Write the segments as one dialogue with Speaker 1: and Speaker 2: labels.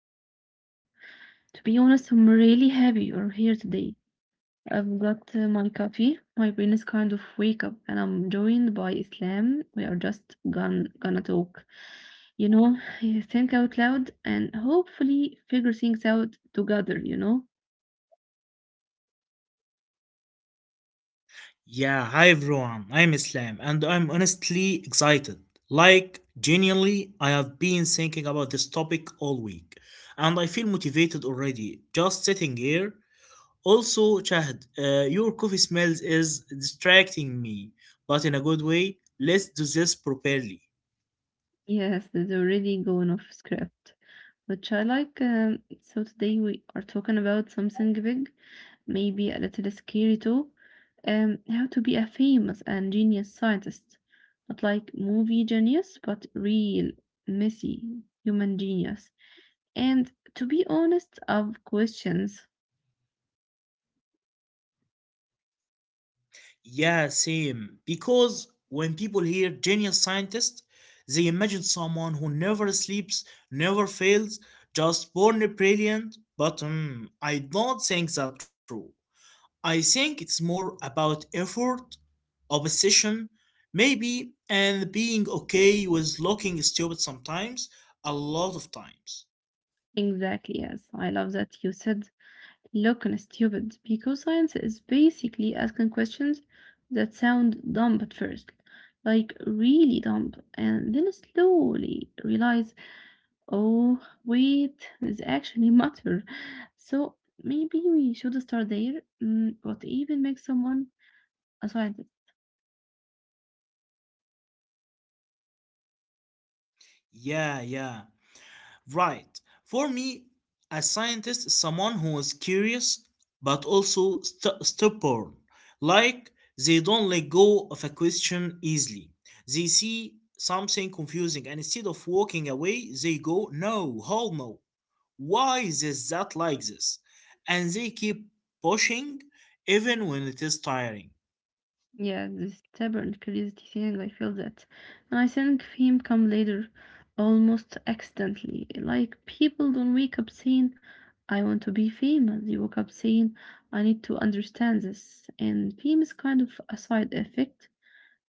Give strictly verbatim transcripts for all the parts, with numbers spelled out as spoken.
Speaker 1: back. I'm Shahad. To be honest, I'm really happy you're here today. I've got uh, my coffee. My brain is kind of wake up and I'm joined by Islam. We are just gon gonna talk. You know, think out loud and hopefully figure things out together, you know?
Speaker 2: Yeah, hi everyone. I'm Islam and I'm honestly excited. Like, genuinely, I have been thinking about this topic all week and I feel motivated already just sitting here. Also, Chad, uh, your coffee smells is distracting me, but in a good way. Let's do this properly.
Speaker 1: Yes, there's already going off script. Which I like. Um, so today we are talking about something big, maybe a little scary too. Um, how to be a famous and genius scientist. Not like movie genius, but real, messy human genius. And to be honest, of questions.
Speaker 2: Yeah, same. Because when people hear genius scientist, they imagine someone who never sleeps, never fails, just born brilliant. But mm, I don't think that's true. I think it's more about effort, obsession, maybe, and being okay with looking stupid sometimes, a lot of times.
Speaker 1: Exactly, yes. I love that you said look and stupid because science is basically asking questions that sound dumb at first, like really dumb, and then slowly realize, oh, wait, this actually matter. So maybe we should start there. Mm, what even makes someone a scientist?
Speaker 2: Yeah, yeah. Right. For me, a scientist is someone who is curious but also st- stubborn. Like they don't let go of a question easily. They see something confusing and instead of walking away, they go, no, hold no. Why is this that like this? And they keep pushing even when it is tiring.
Speaker 1: Yeah, this stubborn curiosity thing, I feel that. And I think fame come later, almost accidentally. Like people don't wake up saying, I want to be famous. They wake up saying, I need to understand this. And fame is kind of a side effect,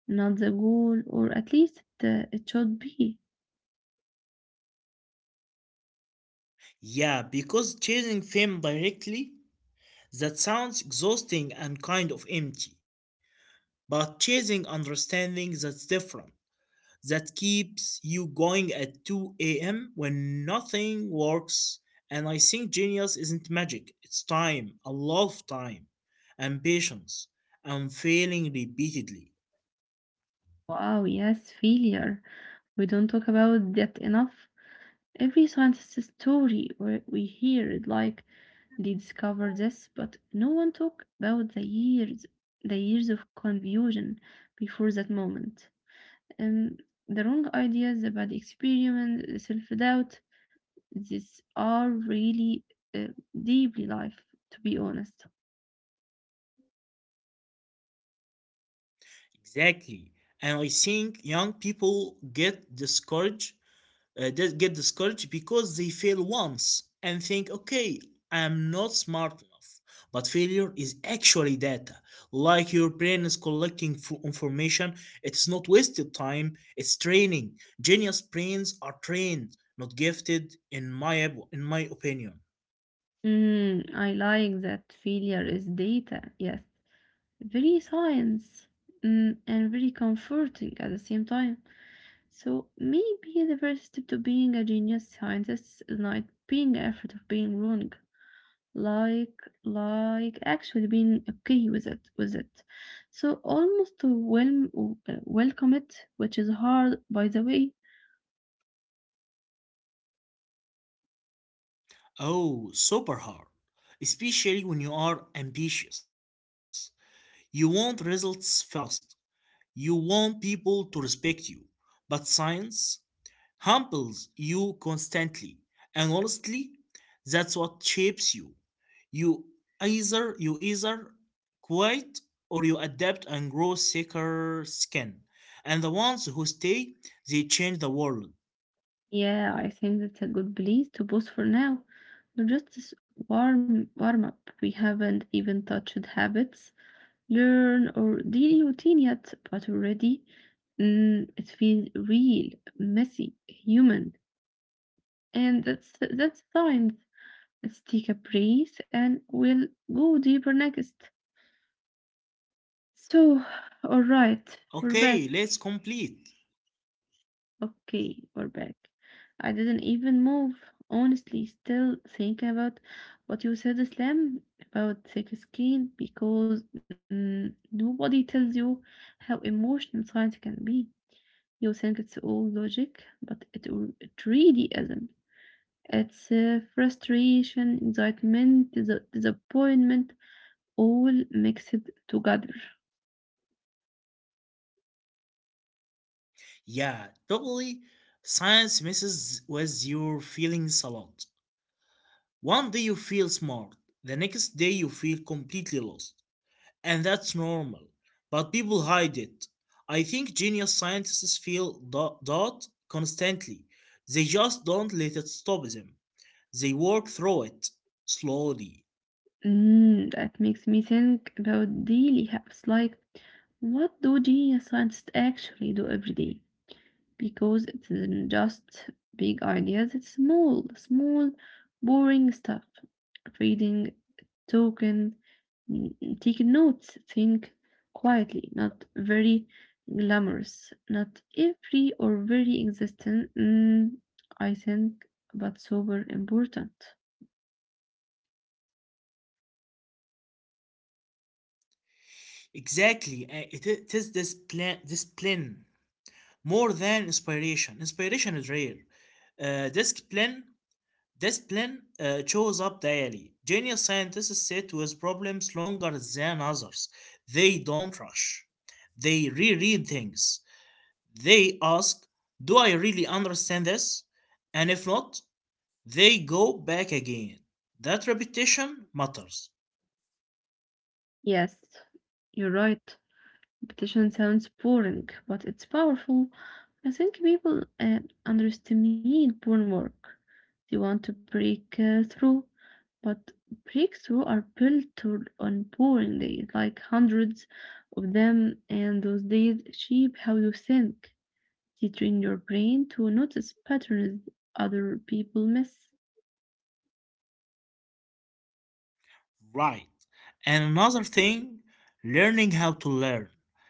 Speaker 1: not the goal, or at least it, uh, it should be.
Speaker 2: Yeah, because chasing fame directly, that sounds exhausting and kind of empty, but chasing understanding, that's different. That keeps you going at two a m a.m when nothing works, and I think genius isn't magic. It's time, a lot of time, and patience, and failing repeatedly.
Speaker 1: Wow, yes, failure. We don't talk about that enough. Every scientist's story we we hear it like they discovered this, but no one talk about the years the years of confusion before that moment. And the wrong ideas, the bad experiment, the self-doubt, these are really uh, deeply life, to be honest.
Speaker 2: Exactly, and I think young people get discouraged, uh, just get discouraged because they fail once and think, okay, I'm not smart enough. But failure is actually data. Like, your brain is collecting f- information. It's not wasted time, it's training. Genius brains are trained, not gifted, in my, ab- in my opinion.
Speaker 1: Mm, I like that failure is data, yes. Very science mm, and very comforting at the same time. So maybe the first step to being a genius scientist is not being afraid of being wrong. Like like actually being okay with it with it. So almost to wel- uh, welcome it, which is hard by the way.
Speaker 2: Oh, super hard. Especially when you are ambitious. You want results fast. You want people to respect you. But science? Humbles you constantly. And honestly, that's what shapes you. You either you either quit or you adapt and grow thicker skin. And the ones who stay, they change the world.
Speaker 1: Yeah, I think that's a good place to pause for now. We're just this warm warm up. We haven't even touched habits learn or daily routine yet, but already mm, it feels real, messy, human. And that's that's fine. Let's take a breath and we'll go deeper next. So, all right, we're
Speaker 2: Okay,
Speaker 1: back.
Speaker 2: let's complete.
Speaker 1: Okay, we're back. I didn't even move. Honestly, still thinking about what you said, Islam, about thick skin, because mm, nobody tells you how emotional science can be. You think it's all logic, but it, it really isn't. It's uh, frustration, excitement, dis- disappointment, all mixed together.
Speaker 2: Yeah, totally. Science messes with your feelings a lot. One day you feel smart, the next day you feel completely lost, and that's normal. But people hide it. I think genius scientists feel tha- that constantly. They just don't let it stop them. They work through it slowly.
Speaker 1: Mm, that makes me think about daily habits like what do genius scientists actually do every day? Because it's n- just big ideas, it's small, small, boring stuff. Reading, talking, taking notes, think quietly, not very glamorous, not every or very existent, mm, I think, but super important.
Speaker 2: Exactly, uh, it, i- it is this plan, discipline more than inspiration. Inspiration is rare. Uh, discipline, discipline uh, shows up daily. Genius scientists sit with problems longer than others. They don't rush, they reread things. They ask, do I really understand this? And if not, they go back again. That repetition matters.
Speaker 1: Yes, you're right. Competition sounds boring, but it's powerful. I think people uh, underestimate born work. They want to break uh, through, but breakthrough are built to- on boring days, like hundreds of them, and those days shape how you think. They train your brain to notice patterns other people miss.
Speaker 2: Right. And another thing, learning how to learn.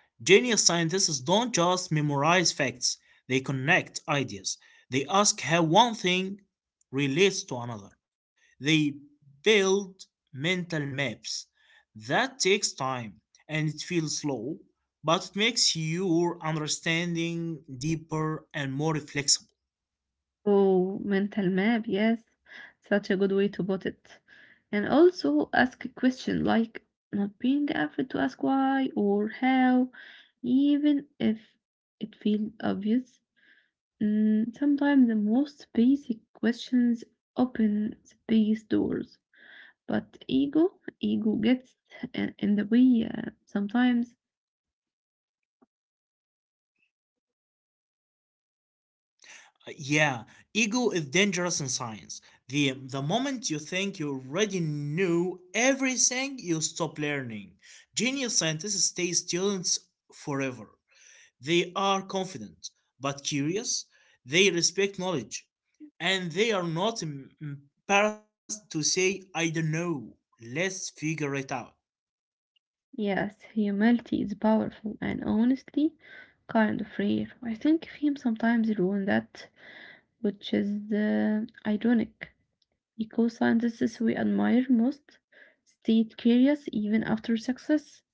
Speaker 2: Genius scientists don't just memorize facts, they connect ideas. They ask how one thing relates to another. They build mental maps. That takes time and it feels slow, but it makes your understanding deeper and more flexible.
Speaker 1: Oh, mental map, yes. Such a good way to put it. And also ask a question like not being afraid to ask why or how, even if it feels obvious. Mm, sometimes the most basic questions open the biggest doors, but ego, ego gets i- in the way uh, sometimes.
Speaker 2: Uh, Yeah, ego is dangerous in science. The, the moment you think you already know everything, you stop learning. Genius scientists stay students forever. They are confident, but curious. They respect knowledge, and they are not em- embarrassed to say, I don't know, let's figure it out.
Speaker 1: Yes, humility is powerful and honestly kind of rare. I think fame sometimes ruin that which is uh, ironic because scientists we admire most stayed curious even after success.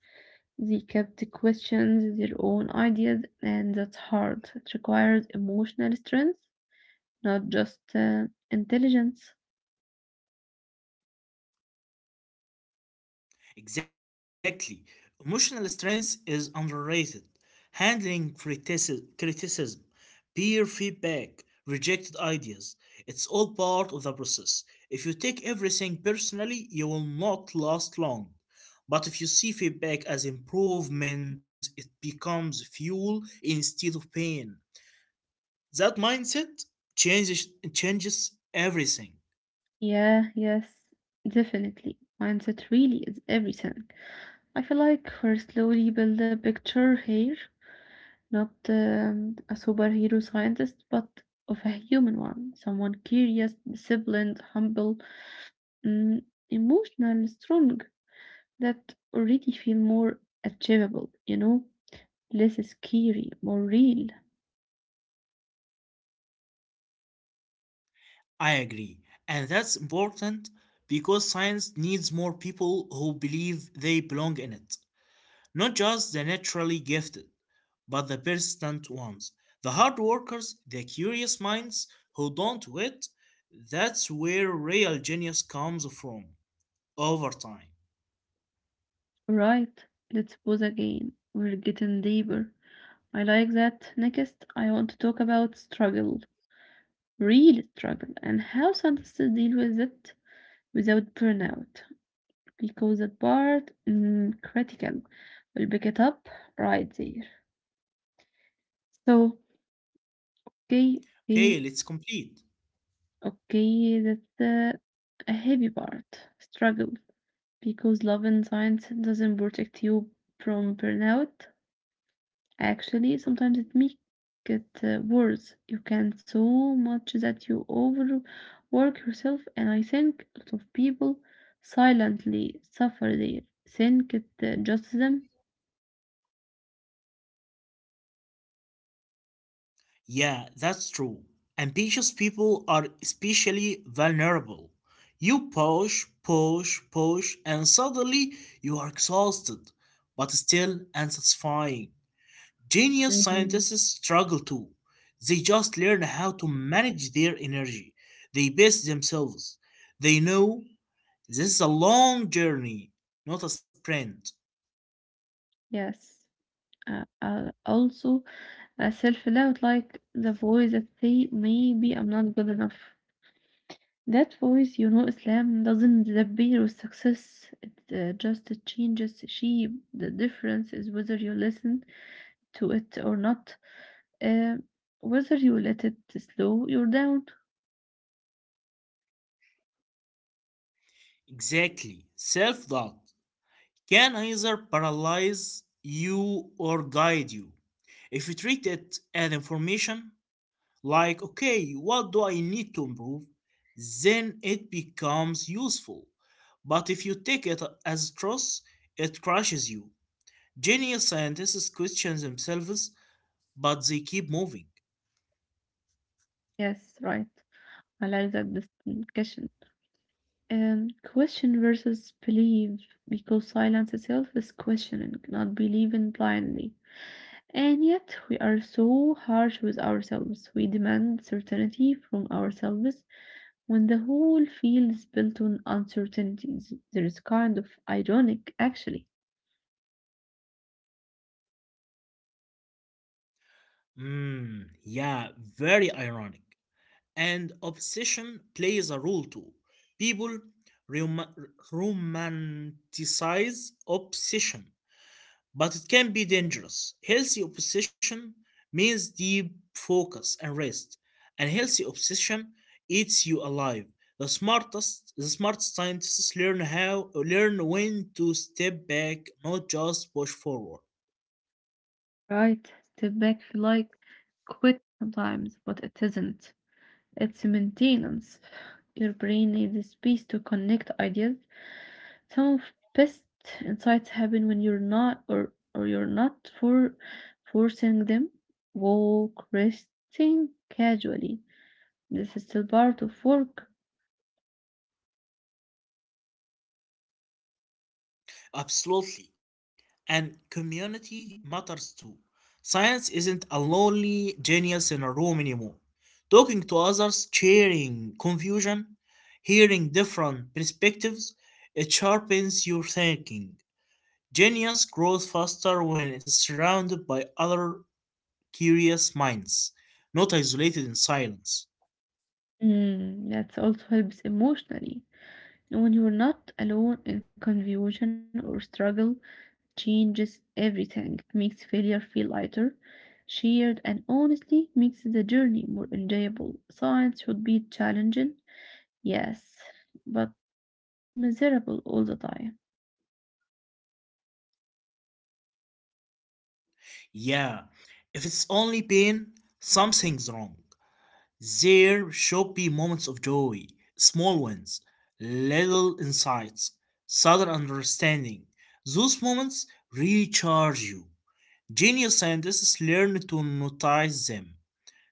Speaker 1: They kept questioning their own ideas, and that's hard. It requires emotional strength, not just uh, intelligence.
Speaker 2: Exactly. Emotional strength is underrated. Handling critici- criticism, peer feedback, rejected ideas, it's all part of the process. If you take everything personally, you will not last long. But if you see feedback as improvement, it becomes fuel instead of pain. That mindset changes changes everything.
Speaker 1: Yeah, yes, definitely. Mindset really is everything. I feel like we're slowly building a picture here. Not um, a superhero scientist, but of a human one. Someone curious, disciplined, humble, mm, emotional, strong, that already feel more achievable, you know? Less scary, more real.
Speaker 2: I agree. And that's important because science needs more people who believe they belong in it. Not just the naturally gifted, but the persistent ones. The hard workers, the curious minds who don't wait. That's where real genius comes from over time.
Speaker 1: Right, let's pause again. We're getting deeper. I like that. Next, I want to talk about struggle, real struggle, and how scientists deal with it without burnout. Because that part mm, critical will pick it up right there. So okay, okay,
Speaker 2: Okay, let's complete.
Speaker 1: okay, that's uh, a heavy part. Struggle because love and science doesn't protect you from burnout. Actually, sometimes it makes it uh, worse. You can so much that you overwork yourself, and I think a lot of people silently suffer there. Think it uh, just them.
Speaker 2: Yeah, that's true. Ambitious people are especially vulnerable. You push, push, push, and suddenly you are exhausted, but still unsatisfying. Genius scientists
Speaker 1: Mhm.
Speaker 2: struggle too. They just learn how to manage their energy. They pace themselves. They know this is a long journey, not a sprint.
Speaker 1: Yes. Uh, uh, also, uh, self-doubt, like the voice that say, maybe I'm not good enough. That voice, you know, Islam doesn't disappear with success. It uh, just changes shape. The difference is whether you listen to it or not, uh, whether you let it slow you down.
Speaker 2: Exactly. Self doubt can either paralyze you or guide you. If you treat it as information, like, okay, what do I need to improve? Then it becomes useful. But if you take it as truth, it crushes you. Genius scientists question themselves, but they keep moving.
Speaker 1: Yes, right. I like that distinction. Um, question versus believe, because silence itself is questioning, not believing blindly. And yet, we are so harsh with ourselves. We demand certainty from ourselves when the whole field is built on uncertainties. There is kind of ironic, actually.
Speaker 2: Hmm, yeah, very ironic. And obsession plays a role too. People rom- romanticize obsession, but it can be dangerous. Healthy obsession means deep focus and rest, and healthy obsession eats you alive. The smartest, the smartest scientists learn how learn when to step back, not just push forward.
Speaker 1: Right? Step back, feel like quit sometimes, but it isn't. It's maintenance. Your brain needs space to connect ideas. Some of best insights happen when you're not or or you're not for forcing them. Walk, resting casually. This is still part of work.
Speaker 2: Absolutely. And community matters too. Science isn't a lonely genius in a room anymore. Talking to others, sharing confusion, hearing different perspectives, it sharpens your thinking. Genius grows faster when it is surrounded by other curious minds, not isolated in silence.
Speaker 1: Mm, that also helps emotionally. And when you're not alone in confusion or struggle, changes everything. Makes failure feel lighter, shared, and honestly makes the journey more enjoyable. Science should be challenging, yes, but not miserable all the time.
Speaker 2: Yeah, if it's only pain, something's wrong. There should be moments of joy, small ones, little insights, sudden understanding. Those moments recharge you. Genius scientists learn to notice them,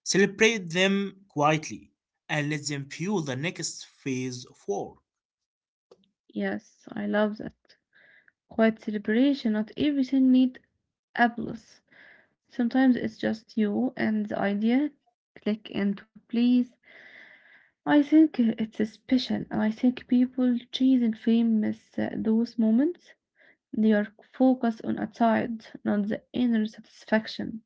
Speaker 2: celebrate them quietly, and let them fuel the next phase of work.
Speaker 1: Yes, I love that. Quiet celebration, not everything need applause. Sometimes it's just you and the idea. Click and to please. I think it's special, and I think people chase and famous uh, those moments. They are focused on outside, not the inner satisfaction.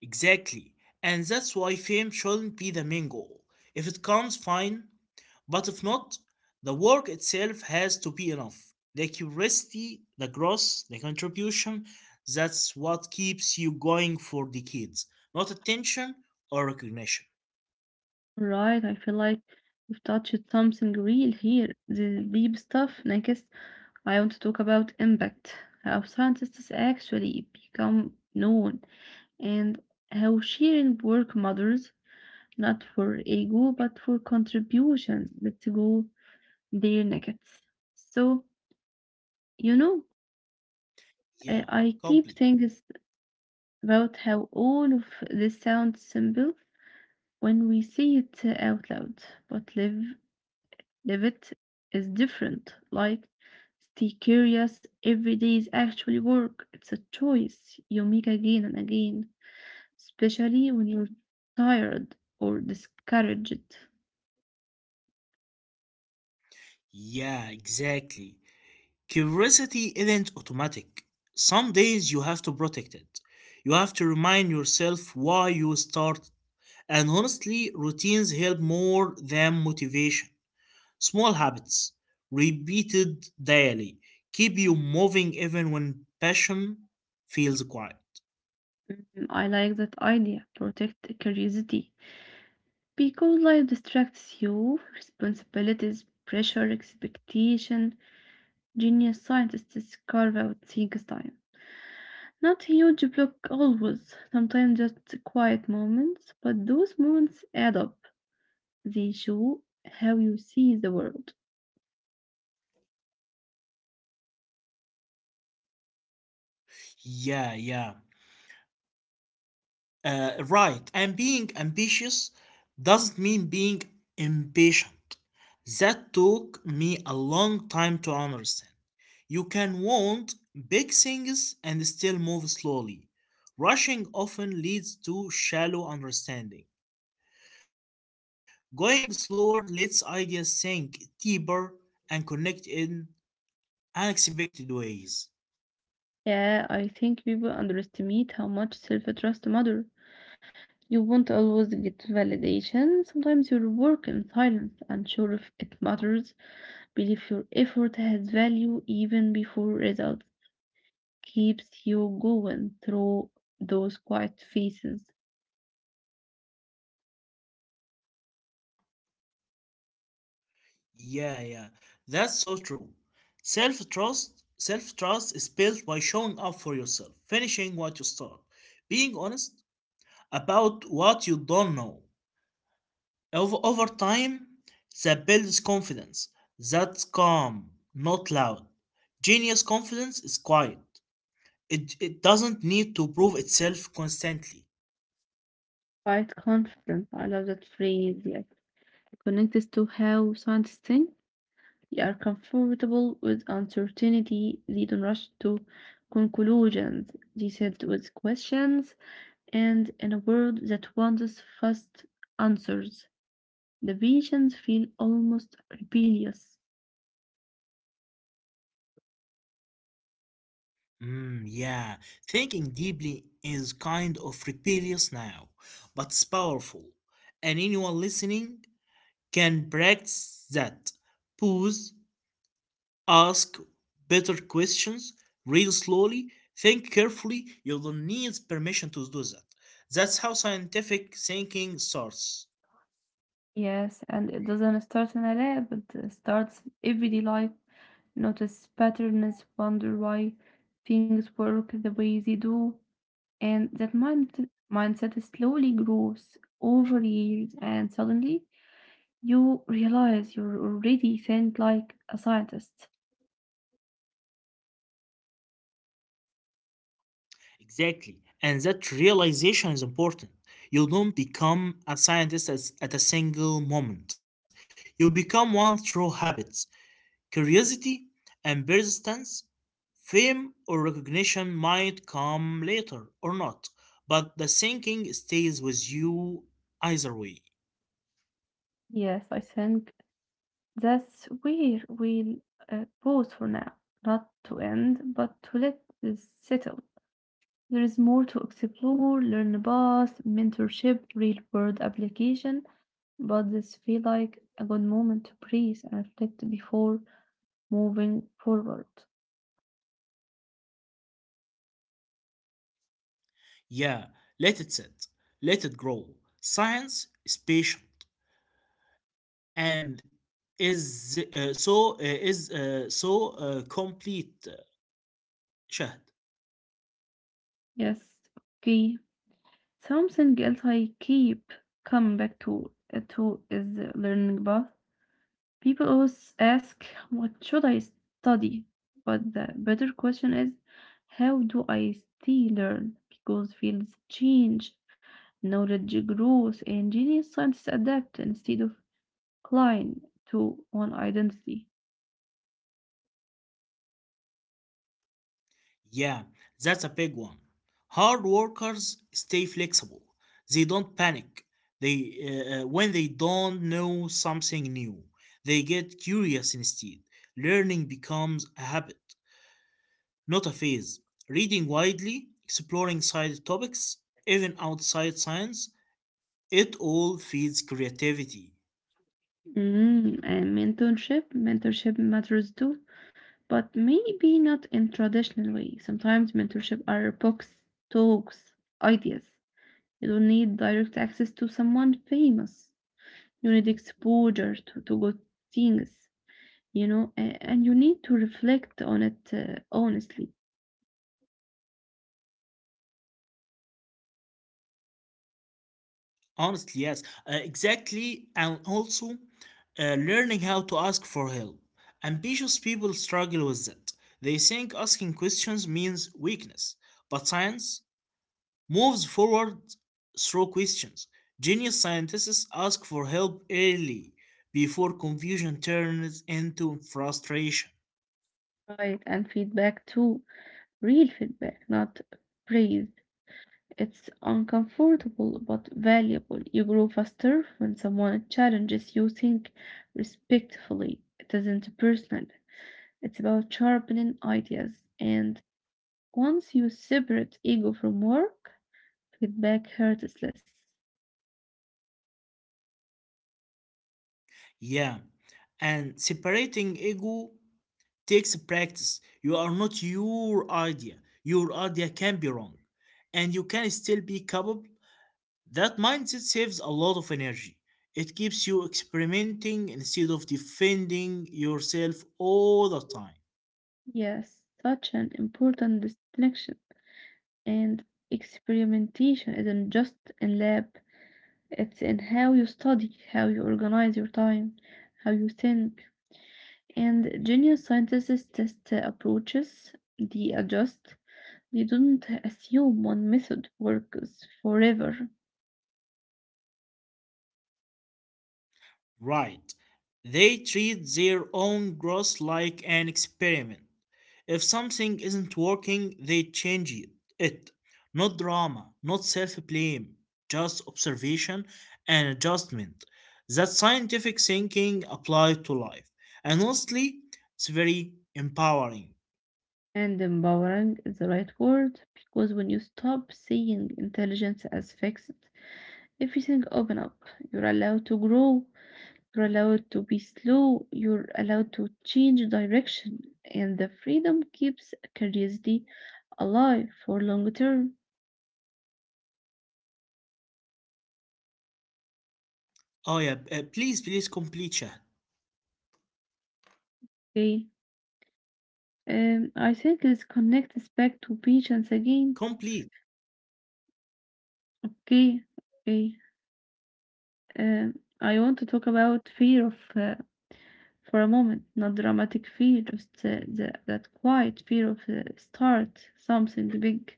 Speaker 2: Exactly. And that's why fame shouldn't be the main goal. If it comes, fine. But if not, the work itself has to be enough. The curiosity, the growth, the contribution, that's what keeps you going for decades, not attention or recognition.
Speaker 1: Right, I feel like we've touched something real here. The deep stuff, like I want to talk about impact, how scientists actually become known, and how sharing work matters, not for ego, but for contributions. Let's go there next. So, you know, I
Speaker 2: Yeah,
Speaker 1: I keep
Speaker 2: complete.
Speaker 1: thinking about how all of this sounds simple when we say it out loud, but live Levitt is different. Like, stay curious. Every day is actually work. It's a choice you make again and again, especially when you're tired or discouraged.
Speaker 2: Yeah, exactly. Curiosity isn't automatic. Some days you have to protect it. You have to remind yourself why you start. And honestly, routines help more than motivation. Small habits, repeated daily, keep you moving even when passion feels quiet.
Speaker 1: Mm, I like that idea. Protect curiosity. Because life distracts you, responsibilities, pressure, expectation. Genius scientists carve out things time. Not huge block always, sometimes just quiet moments, but those moments add up. They show how you see the world.
Speaker 2: Yeah, yeah. Uh, right. And being ambitious doesn't mean being impatient. That took me a long time to understand. You can want big things and still move slowly. Rushing often leads to shallow understanding. Going slower lets ideas sink deeper and connect in unexpected ways.
Speaker 1: Yeah, I think people underestimate how much self-trust matters. You won't always get validation. Sometimes your work in silence, unsure if it matters, believe your effort has value even before results, keeps you going through those quiet phases.
Speaker 2: Yeah, yeah, that's so true. Self trust, self trust is built by showing up for yourself, finishing what you start, being honest about what you don't know. Over, over time, that builds confidence. That's calm, not loud. Genius confidence is quiet. It, it doesn't need to prove itself constantly.
Speaker 1: Quiet confidence, I love that phrase, yeah. Connects to how scientists think. They are comfortable with uncertainty. They don't rush to conclusions. They sit with questions, and in a world that wants fast answers, the visions feel almost rebellious.
Speaker 2: Mm, yeah, thinking deeply is kind of rebellious now, but it's powerful. And anyone listening can practice that. Pause, ask better questions, read slowly, think carefully. You don't need permission to do that. That's how scientific thinking starts.
Speaker 1: Yes, and it doesn't start in a lab, it uh, starts everyday life. Notice patterns, wonder why things work the way they do, and that mind mindset slowly grows over years, and suddenly you realize you're already think like a scientist.
Speaker 2: Exactly. And that realization is important. You don't become a scientist as, at a single moment. You become one through habits, curiosity, and persistence. Fame or recognition might come later or not, but the thinking stays with you either way.
Speaker 1: Yes, I think that's where we'll uh, pause for now. Not to end, but to let this settle. There is more to explore, learn about, mentorship, real world application, but this feel like a good moment to breathe and reflect before moving forward.
Speaker 2: Yeah, let it sit, let it grow. Science is patient. And is uh, so uh, is uh, so uh, complete uh, شهد.
Speaker 1: Yes, okay. Something else I keep coming back to, uh, to is the learning path. People always ask, what should I study? But the better question is, how do I still learn? Because fields change, knowledge grows, and genius scientists adapt instead of clinging to one identity.
Speaker 2: Yeah, that's a big one. Hard workers stay flexible. They don't panic. They uh, uh, when they don't know something new, they get curious instead. Learning becomes a habit, not a phase. Reading widely, exploring side topics, even outside science, it all feeds creativity.
Speaker 1: Mm, and mentorship, mentorship matters too, but maybe not in traditional way. Sometimes mentorship are books, talks, ideas. You don't need direct access to someone famous. You need exposure to, to good things, you know, a- and you need to reflect on it uh, honestly.
Speaker 2: Honestly, yes, uh, exactly. And also, uh, learning how to ask for help. Ambitious people struggle with that. They think asking questions means weakness, but science moves forward through questions. Genius scientists ask for help early before confusion turns into frustration.
Speaker 1: Right, and feedback too, real feedback, not praise. It's uncomfortable but valuable. You grow faster when someone challenges you think respectfully. It isn't personal, it's about sharpening ideas, and once you separate ego from work, feedback hurts less.
Speaker 2: Yeah, and separating ego takes practice. You are not your idea. Your idea can be wrong, and you can still be capable. That mindset saves a lot of energy. It keeps you experimenting instead of defending yourself all the time.
Speaker 1: Yes, such an important distinction. And experimentation isn't just in lab, it's in how you study, how you organize your time, how you think. And genius scientists test uh, approaches, they adjust, they don't assume one method works forever.
Speaker 2: Right. They treat their own growth like an experiment. If something isn't working, they change it. it. Not drama, not self blame, just observation and adjustment. That scientific thinking applied to life. And honestly, it's very empowering.
Speaker 1: And empowering is the right word because when you stop seeing intelligence as fixed, everything opens up. You're allowed to grow, you're allowed to be slow, you're allowed to change direction, and the freedom keeps curiosity alive for long term.
Speaker 2: Oh, yeah, uh, please, please complete, Shahd.
Speaker 1: Okay, um, I think let's connect this connects us back to patience again.
Speaker 2: Complete.
Speaker 1: Okay, okay. Um, I want to talk about fear of uh, for a moment, not dramatic fear, just uh, the, that quiet fear of uh, start something big.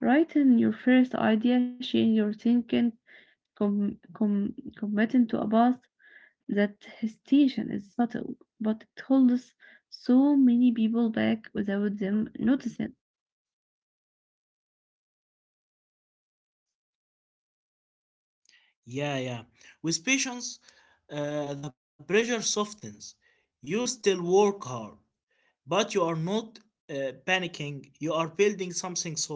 Speaker 1: Write in your first idea, share your thinking, com- com- committing to a path that hesitation is subtle, but it holds so many people back without them noticing.
Speaker 2: Yeah, yeah. With patience, uh, the pressure softens. You still work hard, but you are not uh, panicking. You are building something solid.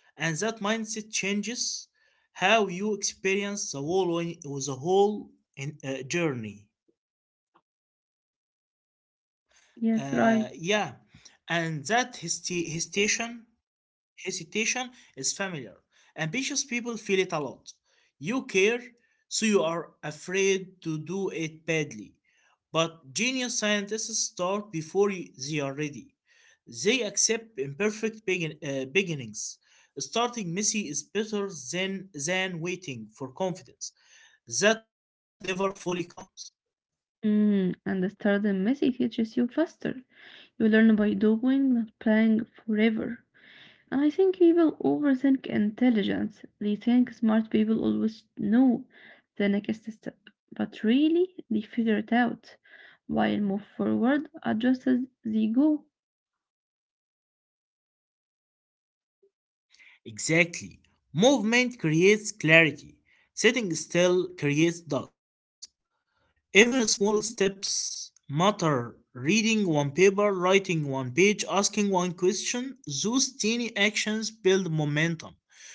Speaker 2: And that mindset changes how you experience the whole, the whole in, uh, journey.
Speaker 1: Yes,
Speaker 2: Uh,
Speaker 1: right.
Speaker 2: yeah. And that hesti- hesitation Hesitation is familiar. Ambitious people feel it a lot. You care, so you are afraid to do it badly. But genius scientists start before y- they are ready. They accept imperfect begin- uh, beginnings. Starting messy is better than, than waiting for confidence that never fully comes.
Speaker 1: Mm, and the stardom messy teaches you faster. You learn by doing, not playing forever. And I think people overthink intelligence. They think smart people always know the next step, but really they figure it out while move forward adjust as they go.
Speaker 2: Exactly. Movement creates clarity. Sitting still creates doubt. Even small steps matter. Reading one paper, writing one page, asking one question, those tiny actions build momentum.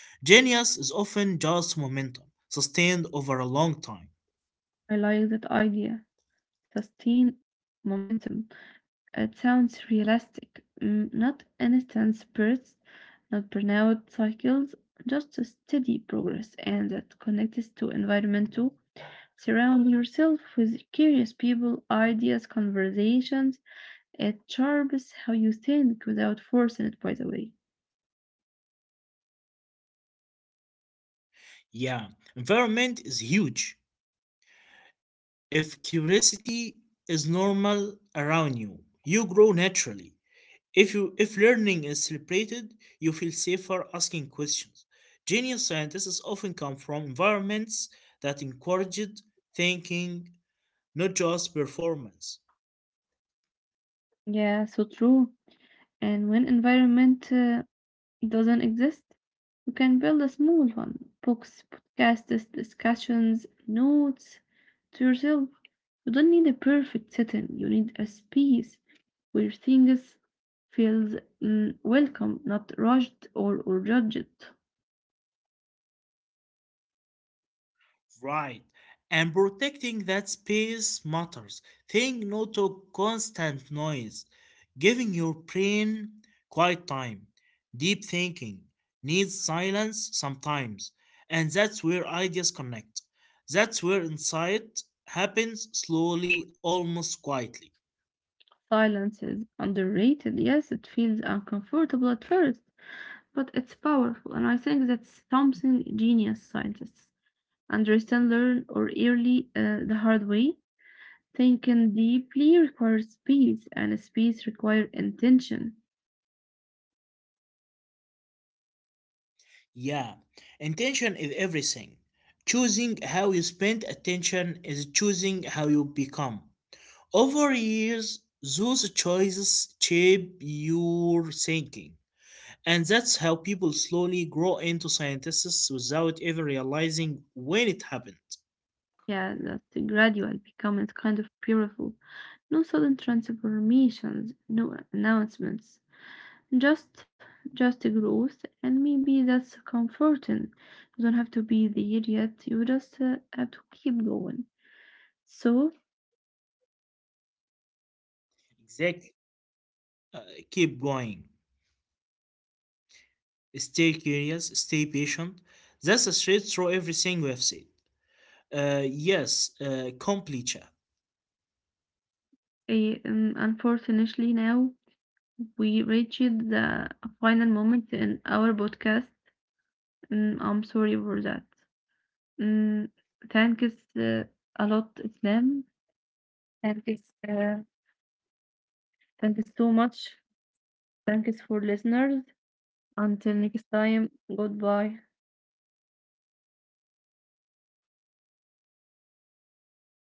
Speaker 2: Genius is often just momentum, sustained over a long time.
Speaker 1: I like that idea. Sustain momentum. It sounds realistic. Mm, not instant spurts, not burnout cycles, just a steady progress, and that connects to environment too. Surround yourself with curious people, ideas, conversations. It sharpens how you think without forcing it, by the way.
Speaker 2: Yeah, environment is huge. If curiosity is normal around you, you grow naturally. If you if learning is celebrated, you feel safer asking questions. Genius scientists often come from environments that encouraged thinking, not just performance.
Speaker 1: Yeah, so true. And when environment uh, doesn't exist, you can build a small one books, podcasts, discussions, notes to yourself. You don't need a perfect setting, you need a space where things feels mm, welcome, not rushed or, or judged.
Speaker 2: Right. And protecting that space matters. Think no to constant noise, giving your brain quiet time. Deep thinking needs silence sometimes, and that's where ideas connect. That's where insight happens slowly, almost quietly.
Speaker 1: Silence is underrated. Yes, it feels uncomfortable at first, but it's powerful. And I think that's something genius scientists understand, learn, or early uh, the hard way. Thinking deeply requires space, and space requires intention.
Speaker 2: Yeah, intention is everything. Choosing how you spend attention is choosing how you become. Over years, those choices shape your thinking, and that's how people slowly grow into scientists without ever realizing when it happened.
Speaker 1: Yeah, that's gradual becoming kind of beautiful. No sudden transformations, no announcements. Just, just a growth, and maybe that's comforting. You don't have to be there yet. You just uh, have to keep going. So,
Speaker 2: Exactly. Uh, Keep going. Stay curious, stay patient. That's a straight through everything we have said. Uh, yes, uh, komplicha.
Speaker 1: eh, um, unfortunately, now we reached the final moment in our podcast. Mm, I'm sorry for that. Mm, thank is uh, a lot Islam. Thank is uh, thank is so much. Thank is for listeners. Until next time, goodbye.
Speaker 2: Thank you.